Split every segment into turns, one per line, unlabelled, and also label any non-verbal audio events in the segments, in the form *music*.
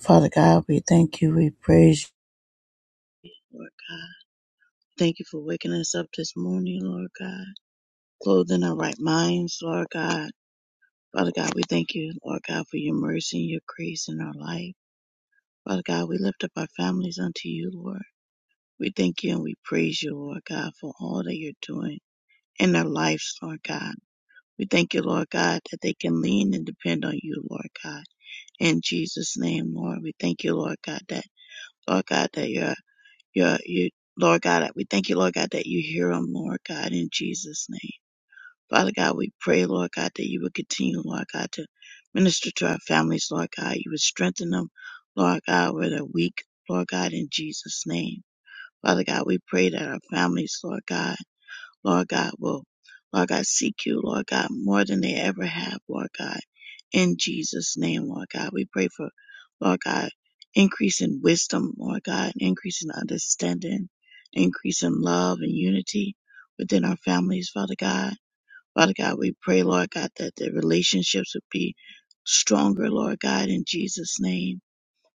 Father God, we thank you, we praise you. Lord God. Thank you for waking us up this morning, Lord God. Clothing our right minds, Lord God. Father God, we thank you, Lord God, for your mercy and your grace in our life. Father God, we lift up our families unto you, Lord. We thank you and we praise you, Lord God, for all that you're doing in their lives, Lord God. We thank you, Lord God, that they can lean and depend on you, Lord God. In Jesus' name, Lord, we thank you, Lord God, that Lord God, that you're Yeah, you, Lord God, we thank you, Lord God, that you hear them, Lord God, in Jesus' name. Father God, we pray, Lord God, that you would continue, Lord God, to minister to our families, Lord God. You would strengthen them, Lord God, where they're weak, Lord God, in Jesus' name. Father God, we pray that our families, Lord God, Lord God, will, Lord God, seek you, Lord God, more than they ever have, Lord God. In Jesus' name, Lord God, we pray for, Lord God, increase in wisdom, Lord God, increase in understanding, increase in love and unity within our families, Father God. Father God, we pray, Lord God, that the relationships would be stronger, Lord God, in Jesus' name.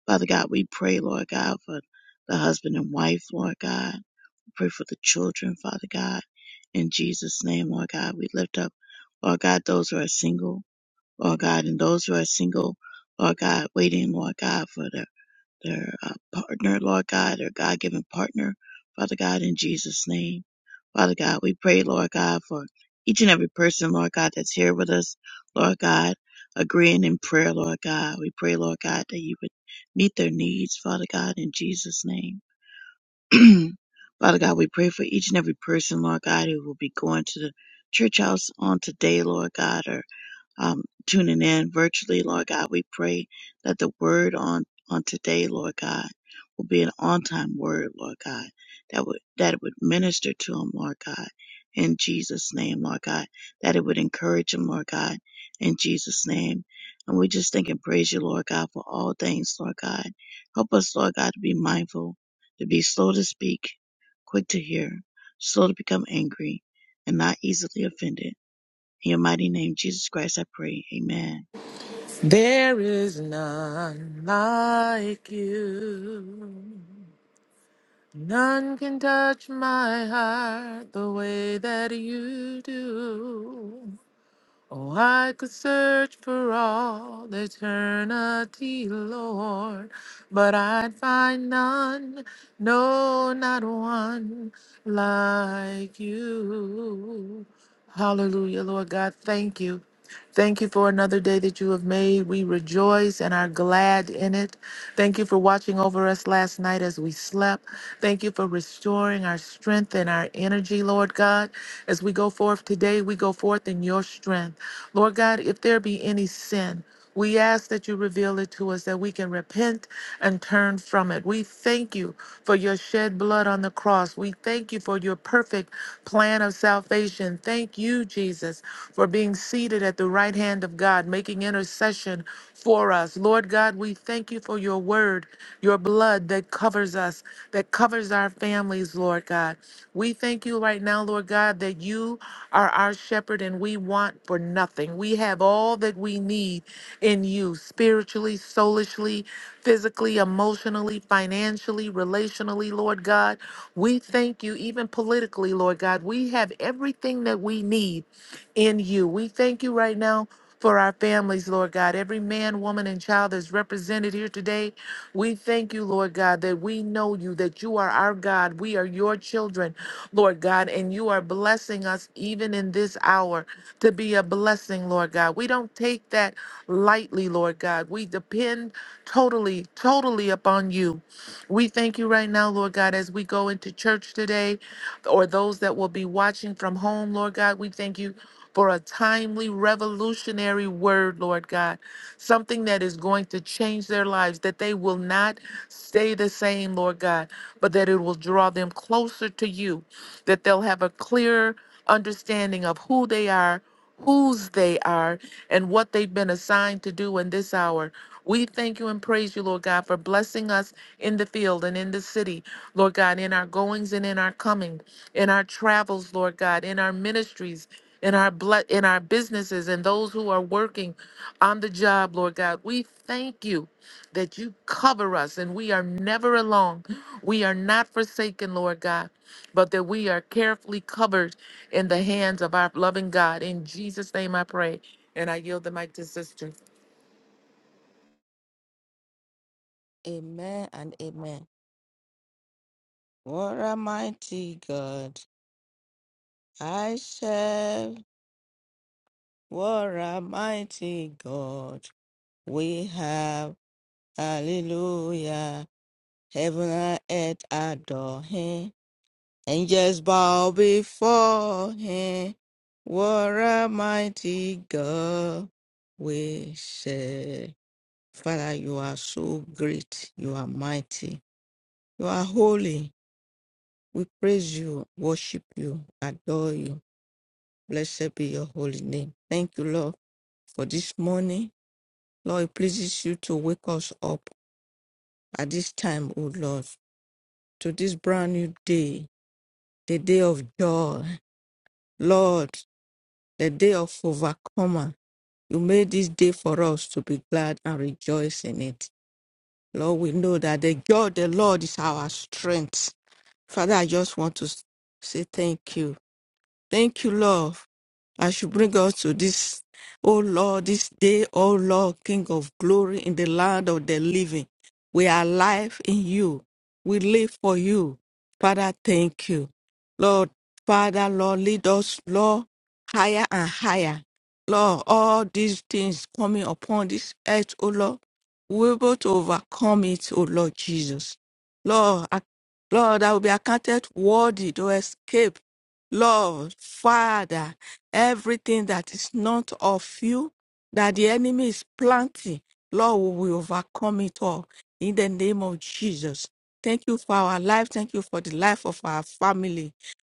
Father God, we pray, Lord God, for the husband and wife, Lord God. Pray for the children, Father God. In Jesus' name, Lord God, we lift up, Lord God, those who are single, Lord God, and those who are single, Lord God, waiting, Lord God, for their, their uh, partner, Lord God, their God given partner, Father God, in Jesus' name. Father God, we pray, Lord God, for each and every person, Lord God, that's here with us, Lord God, agreeing in prayer, Lord God. We pray, Lord God, that you would meet their needs, Father God, in Jesus' name. *clears throat* Father God, we pray for each and every person, Lord God, who will be going to the church house on today, Lord God, or um, tuning in virtually, Lord God. We pray that the word on, on today, Lord God, will be an on time word, Lord God, that would, that it would minister to them, Lord God, in Jesus' name, Lord God, that it would encourage them, Lord God, in Jesus' name. And we just thank and praise you, Lord God, for all things, Lord God. Help us, Lord God, to be mindful, to be slow to speak, quick to hear, slow to become angry, and not easily offended in your mighty name, Jesus Christ, I pray. Amen.
There is none like you. None can touch my heart the way that you do. Oh, I could search for all eternity, Lord, but I'd find none, no, not one like you. Hallelujah, Lord God, thank you. Thank you for another day that you have made. We rejoice and are glad in it. Thank you for watching over us last night as we slept. Thank you for restoring our strength and our energy, Lord God. As we go forth today, we go forth in your strength. Lord God, if there be any sin, we ask that you reveal it to us that we can repent and turn from it. We thank you for your shed blood on the cross. We thank you for your perfect plan of salvation. Thank you, Jesus, for being seated at the right hand of God, making intercession for us. Lord God, we thank you for your word, your blood that covers us, that covers our families, Lord God. We thank you right now, Lord God, that you are our shepherd and we want for nothing. We have all that we need in you spiritually, soulishly, physically, emotionally, financially, relationally, Lord God. We thank you, even politically, Lord God. We have everything that we need in you. We thank you right now. For our families, Lord God, every man, woman, and child that's represented here today, we thank you, Lord God, that we know you, that you are our God. We are your children, Lord God, and you are blessing us even in this hour to be a blessing, Lord God. We don't take that lightly, Lord God. We depend totally, totally upon you. We thank you right now, Lord God, as we go into church today, or those that will be watching from home, Lord God. We thank you for a timely, revolutionary word, Lord God. Something that is going to change their lives, that they will not stay the same, Lord God, but that it will draw them closer to you, that they'll have a clearer understanding of who they are, whose they are, and what they've been assigned to do in this hour. We thank you and praise you, Lord God, for blessing us in the field and in the city, Lord God, in our goings and in our coming in our travels, Lord God, in our ministries, in our blood, in our businesses, and those who are working on the job, Lord God. We thank you that you cover us and we are never alone. We are not forsaken, Lord God, but that we are carefully covered in the hands of our loving God. In Jesus' name I pray. And I yield the mic to sister.
Amen and amen. What a mighty God I serve. What a mighty God we have. Hallelujah. Heaven and earth adore him. Angels bow before him. What a mighty God we serve. Father, you are so great. You are mighty. You are holy. We praise you, worship you, adore you. Blessed be your holy name. Thank you, Lord, for this morning. Lord, it pleases you to wake us up at this time, O Lord, to this brand new day, the day of joy. Lord, the day of overcomer. You made this day for us to be glad and rejoice in it. Lord, we know that the joy of the Lord is our strength. Father, I just want to say thank you Thank you, Lord, as you bring us to this, oh Lord, this day, oh Lord, King of glory in the land of the living. We are alive in you. We live for you. Father, thank you. Lord, Father, Lord, lead us, Lord, higher and higher. Lord, all these things coming upon this earth, oh Lord, we're able to overcome it, oh Lord Jesus. Lord, I Lord, I will be accounted worthy to escape Lord, Father, everything that is not of you, that the enemy is planting, Lord, we will overcome it all in the name of Jesus. Thank you for our life. Thank you for the life of our family.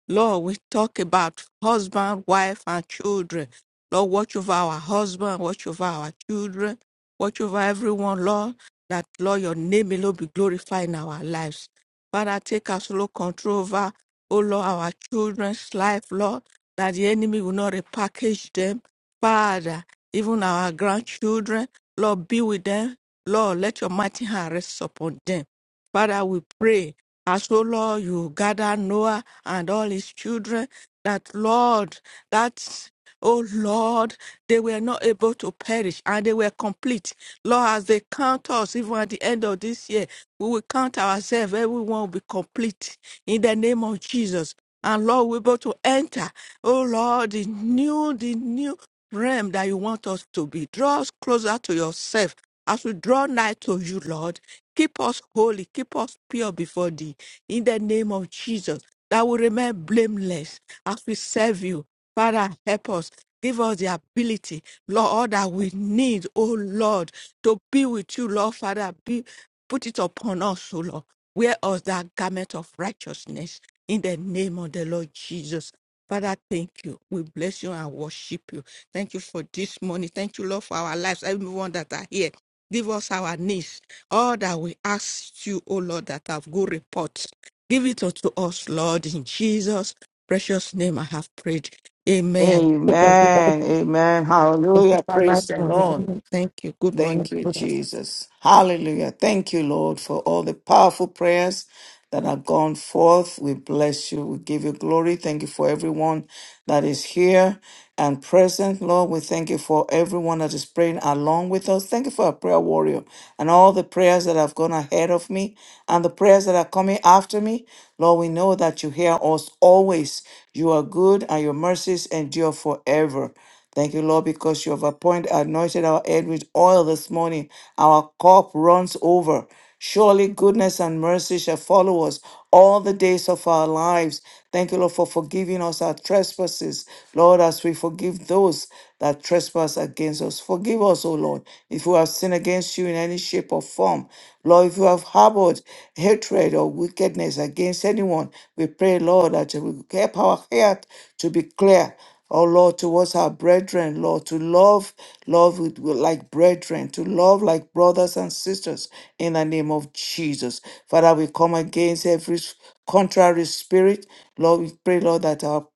Lord, we talk about husband, wife, and children. Lord, watch over our husband, watch over our children, watch over everyone, Lord, that, Lord, your name may alone be glorified in our lives. Father, take absolute control over oh Lord, our children's life, Lord, that the enemy will not repackage them. Father, even our grandchildren, Lord, be with them. Lord, let your mighty hand rest upon them. Father, we pray as, oh Lord, you gather Noah and all his children, that, Lord, that Oh Lord, they were not able to perish and they were complete. Lord, as they count us, even at the end of this year, we will count ourselves, everyone will be complete in the name of Jesus. And Lord, we're able to enter, oh Lord, the new, the new realm that you want us to be. Draw us closer to yourself as we draw nigh to you, Lord. Keep us holy, keep us pure before thee in the name of Jesus. That we remain blameless as we serve you Father, help us. Give us the ability, Lord, all that we need, oh Lord, to be with you, Lord, Father. Be, put it upon us, oh Lord. Wear us that garment of righteousness in the name of the Lord Jesus. Father, thank you. We bless you and worship you. Thank you for this morning. Thank you, Lord, for our lives, everyone that are here. Give us our needs, all that we ask you, oh Lord, that have good reports. Give it unto us, Lord, in Jesus' precious name I have prayed. Amen.
Amen. Amen. Hallelujah. Praise the Lord.
Thank you. Good morning.
Thank you,
Good
Jesus. Hallelujah. Thank you, Lord, for all the powerful prayers that have gone forth. We bless you. We give you glory. Thank you for everyone that is here and present. Lord, we thank you for everyone that is praying along with us. Thank you for our prayer warrior and all the prayers that have gone ahead of me and the prayers that are coming after me. Lord, we know that you hear us always. You are good and your mercies endure forever. Thank you, Lord, because you have appointed, anointed our head with oil this morning. Our cup runs over. Surely goodness and mercy shall follow us all the days of our lives. Thank you, Lord, for forgiving us our trespasses. Lord, as we forgive those that trespass against us, forgive us, O Lord, if we have sinned against you in any shape or form. Lord, if you have harbored hatred or wickedness against anyone, we pray, Lord, that you will keep our heart to be clear. Oh Lord, towards our brethren, Lord, to love, love with, with- like brethren, to love like brothers and sisters in the name of Jesus. Father, we come against every s- contrary spirit. Lord, we pray, Lord, that our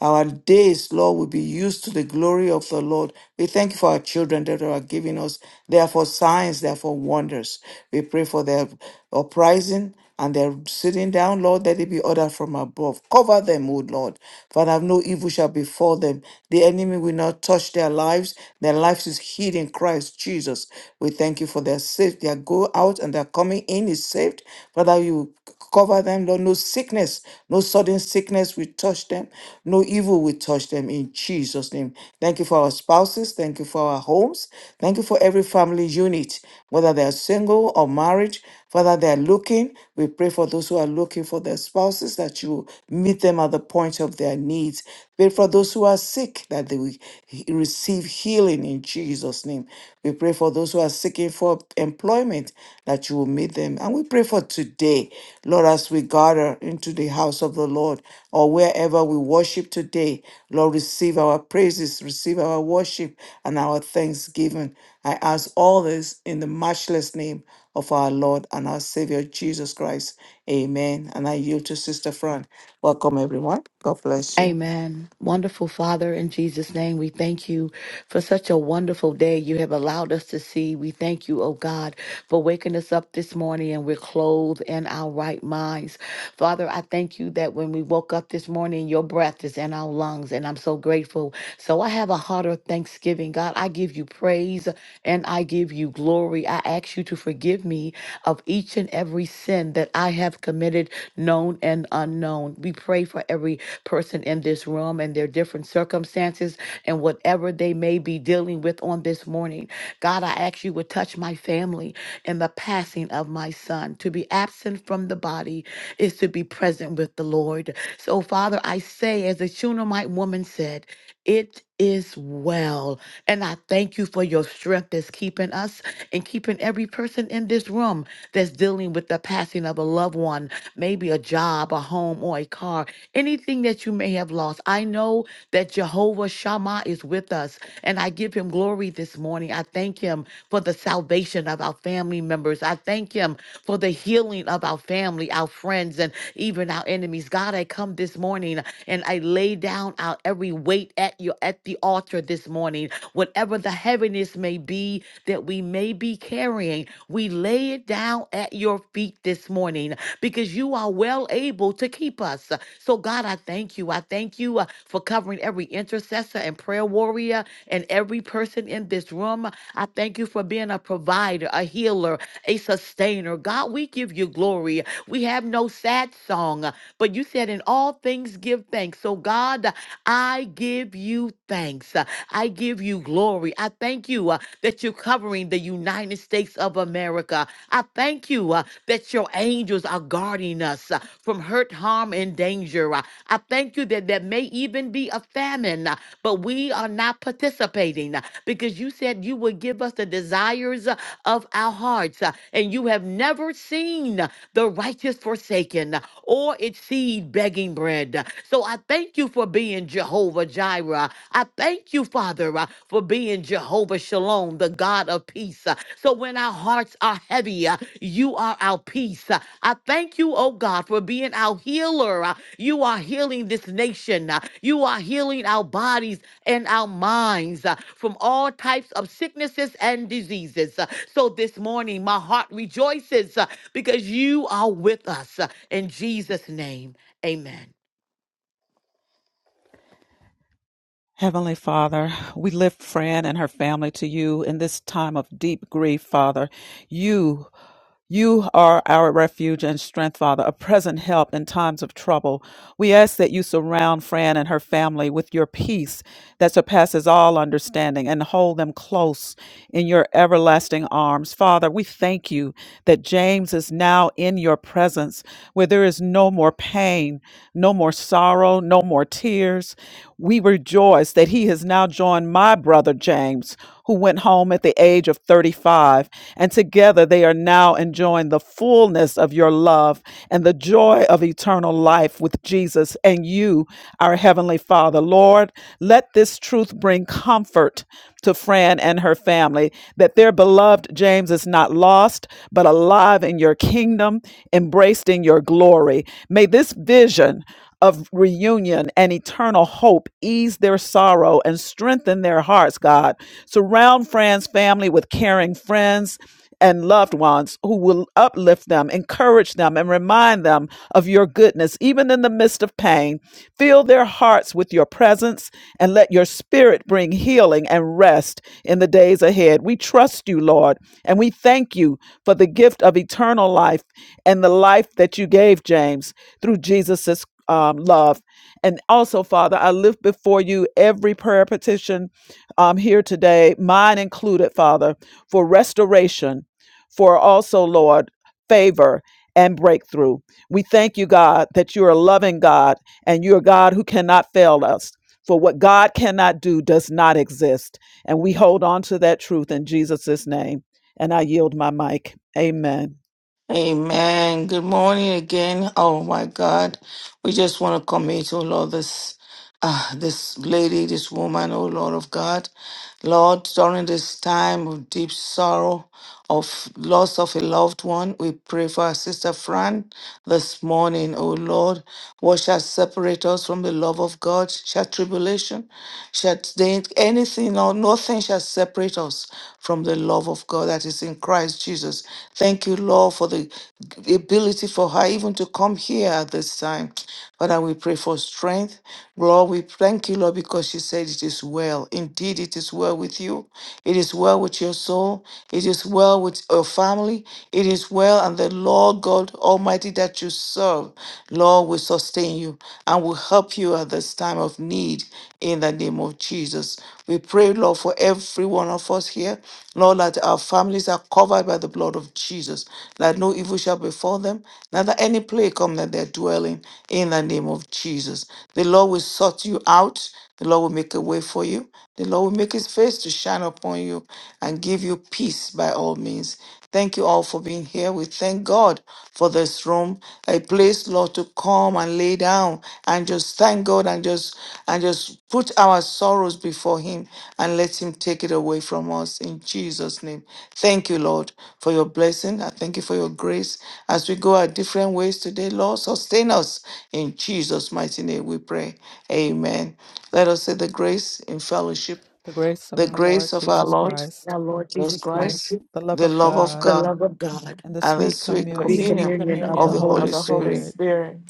our days, Lord, will be used to the glory of the Lord. We thank you for our children that you are giving us. They are for signs, they are for wonders. We pray for their uprising and they're sitting down, Lord, let it be ordered from above. Cover them, O Lord. Father, no evil shall befall them. The enemy will not touch their lives. Their lives is hid in Christ Jesus. We thank you for their safe. Their go out and their coming in is saved. Father, you cover them, Lord. No sickness, no sudden sickness will touch them. No evil will touch them them in Jesus' name. Thank you for our spouses. Thank you for our homes. Thank you for every family unit, whether they are single or married, whether they are looking. We pray for those who are looking for their spouses that you meet them at the point of their needs. Pray for those who are sick that they will he- receive healing in Jesus' name. We pray for those who are seeking for employment, that you will meet them. And we pray for today, Lord, as we gather into the house of the Lord or wherever we worship today, Lord, receive our praises, receive our worship and our thanksgiving. I ask all this in the matchless name of our Lord and our Savior Jesus Christ. Amen. And I yield to Sister Fran. Welcome, everyone. God bless you.
Amen. Wonderful Father, in Jesus' name, we thank you for such a wonderful day you have allowed us to see. We thank you, oh God, for waking us up this morning and we're clothed in our right minds. Father, I thank you that when we woke up this morning, your breath is in our lungs, and I'm so grateful. So I have a heart of thanksgiving. God, I give you praise and I give you glory. I ask you to forgive me of each and every sin sin that I have committed, known and unknown. We pray for every person in this room and their different circumstances and whatever they may be dealing with on this morning. God, I ask you would touch my family in the passing of my son. To be absent from the body is to be present with the Lord. So, Father, I say, as the Shunammite woman said, it is well. And I thank you for your strength that's keeping us and keeping every person in this room that's dealing with the passing of a loved one, maybe a job, a home, or a car, anything that you may have lost. I know that Jehovah Shammah is with us, and I give him glory this morning. I thank him for the salvation of our family members. I thank him for the healing healing of our family, our friends, and even our enemies. God, I come this morning and I lay down our every weight at your at the altar this morning. Whatever the heaviness may be that we may be carrying, we lay it down at your feet this morning because you are well able to keep us. So God, I thank you. I thank you uh, for covering every intercessor and prayer warrior and every person in this room. I thank you for being a provider, a healer, a sustainer. God, we give you glory. We have no sad song, but you said, in all things give thanks. So, God, I give you thanks. I give you glory. I thank you uh, that you're covering the United States of America. I thank you uh, that your angels are guarding us uh, from hurt, harm, and danger. Uh, I thank you that there may even be a famine, uh, but we are not participating uh, because you said you would give us the desires uh, of our hearts. uh, And you have never seen uh, the righteous forsaken uh, or its seed begging bread. Uh, So I thank you for being Jehovah Jireh. I thank you, Father, uh, for being Jehovah Shalom, the God of peace. Uh, So when our hearts are heavy, uh, you are our peace. Uh, I thank you, oh God, for being our healer. Uh, You are healing this nation. Uh, You are healing our bodies and our minds uh, from all types of sicknesses and diseases. Uh, So this morning, my heart rejoices uh, because you are with us. Uh, In Jesus' name, amen.
Heavenly Father, we lift Fran and her family to you in this time of deep grief, Father. You you are our refuge and strength, Father, a present help in times of trouble. We ask that you surround Fran and her family with your peace that surpasses all understanding and hold them close in your everlasting arms. Father, we thank you that James is now in your presence where there is no more pain, no more sorrow, no more tears. We rejoice that he has now joined my brother James who went home at the age of 35. And together they are now enjoying the fullness of your love and the joy of eternal life with Jesus and you, our Heavenly Father. Lord, let this truth bring comfort to Fran and her family that their beloved James is not lost, but alive in your kingdom, embraced in your glory. May this vision of reunion and eternal hope. Ease their sorrow and strengthen their hearts, God. Surround Fran's family with caring friends and loved ones who will uplift them, encourage them, and remind them of your goodness, even in the midst of pain. Fill their hearts with your presence and let your spirit bring healing and rest in the days ahead. We trust you, Lord, and we thank you for the gift of eternal life and the life that you gave James through Jesus um, love. And also, Father, I lift before you every prayer petition um, here today, mine included, Father, for restoration, for also, Lord, favor and breakthrough. We thank you, God, that you're a loving God and you're a God who cannot fail us. For what God cannot do does not exist. And we hold on to that truth in Jesus' name. And I yield my mic. Amen.
Amen. Good morning again. Oh my God. We just want to commit, oh Lord, this uh, this lady, this woman, oh Lord of God. Lord, during this time of deep sorrow, of loss of a loved one, we pray for our sister Fran this morning, oh Lord. What shall separate us from the love of God? Shall tribulation? Shall anything or nothing shall separate us from the love of God that is in Christ Jesus. Thank you, Lord, for the ability for her even to come here at this time. Father, we pray for strength. Lord, we thank you, Lord, because she said it is well. Indeed, it is well with you. It is well with your soul. It is well with your family. It is well, and the Lord God Almighty that you serve, Lord, will sustain you and will help you at this time of need in the name of Jesus. We pray, Lord, for every one of us here, Lord, that our families are covered by the blood of Jesus, that no evil shall befall them, neither any plague come that they're dwelling in the name of Jesus. The Lord will sort you out. The Lord will make a way for you. The Lord will make his face to shine upon you and give you peace by all means. Thank you all for being here. We thank God for this room, a place, Lord, to come and lay down and just thank God and just and just put our sorrows before Him and let Him take it away from us in Jesus' name. Thank you, Lord, for your blessing. I thank you for your grace as we go our different ways today. Lord, sustain us in Jesus' mighty name. We pray. Amen. Let us say the grace in fellowship,
The grace of
the
our
grace
Lord
of our
Jesus
Lord
Praise
Christ,
our Lord
Jesus
Jesus Christ,
Christ,
the love
the
of
love of
God.
the
God
love of God,
and the
and the
sweet
sweet
And the
the
communion
communion
sweet
communion of
of
of
the
the
the
communion
Holy
Holy
of
Holy
the
Spirit
Holy
Spirit.
Spirit
Spirit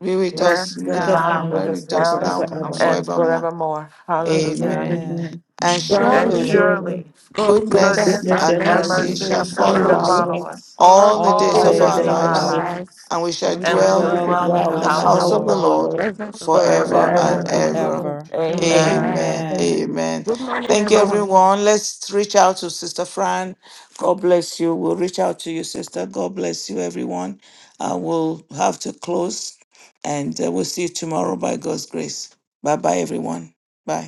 Be with
rest
us
rest and
with us
now
now
and
abide
be
with
now
and
us
with
and
us
now
now and
forevermore.
forevermore.
and
forevermore.
forevermore.
afternoon.
Hallelujah.
Amen.
Amen.
Amen.
And
And
and
Darling,
surely
surely
Surely,
surely
God's
goodness
goodness
goodness
goodness
goodness
and
and
and
and
and
mercy
mercy
mercy
mercy
shall
shall
mercy shall
will
follow
follow
shall
follow
us
me
follow
follow
us
us
us
all
all the
the
all the
all
days
the
all
of
the
days
days
our
days
of
of
days
our
of
of
our
our
our
lives,
lives,
life,
lives.
lives.
and we shall
and
I
we
and
shall
shall
we
dwell
shall
We
dwell
dwell
should
in
dwell
in
the
in
the
the
dwell
in the
in
house
the
of
house
the
house,
of
house
house
the
of the
of
Lord
the
Lord
the
Lord
Lord
presence of the
forever
Lord
forever
Forever.
and
forever
and
forever
ever.
and
and
forever.
ever.
ever.
ever.
Amen.
Amen.
Amen.
Amen.
Amen.
Amen.
Good morning,
Thank you,
everyone.
everyone. Let's reach out to Sister Fran. God bless you. We'll reach out to you, Sister. God bless you, everyone. Uh, we'll have to close and uh, we'll see you tomorrow by God's grace. Bye bye, everyone. Bye.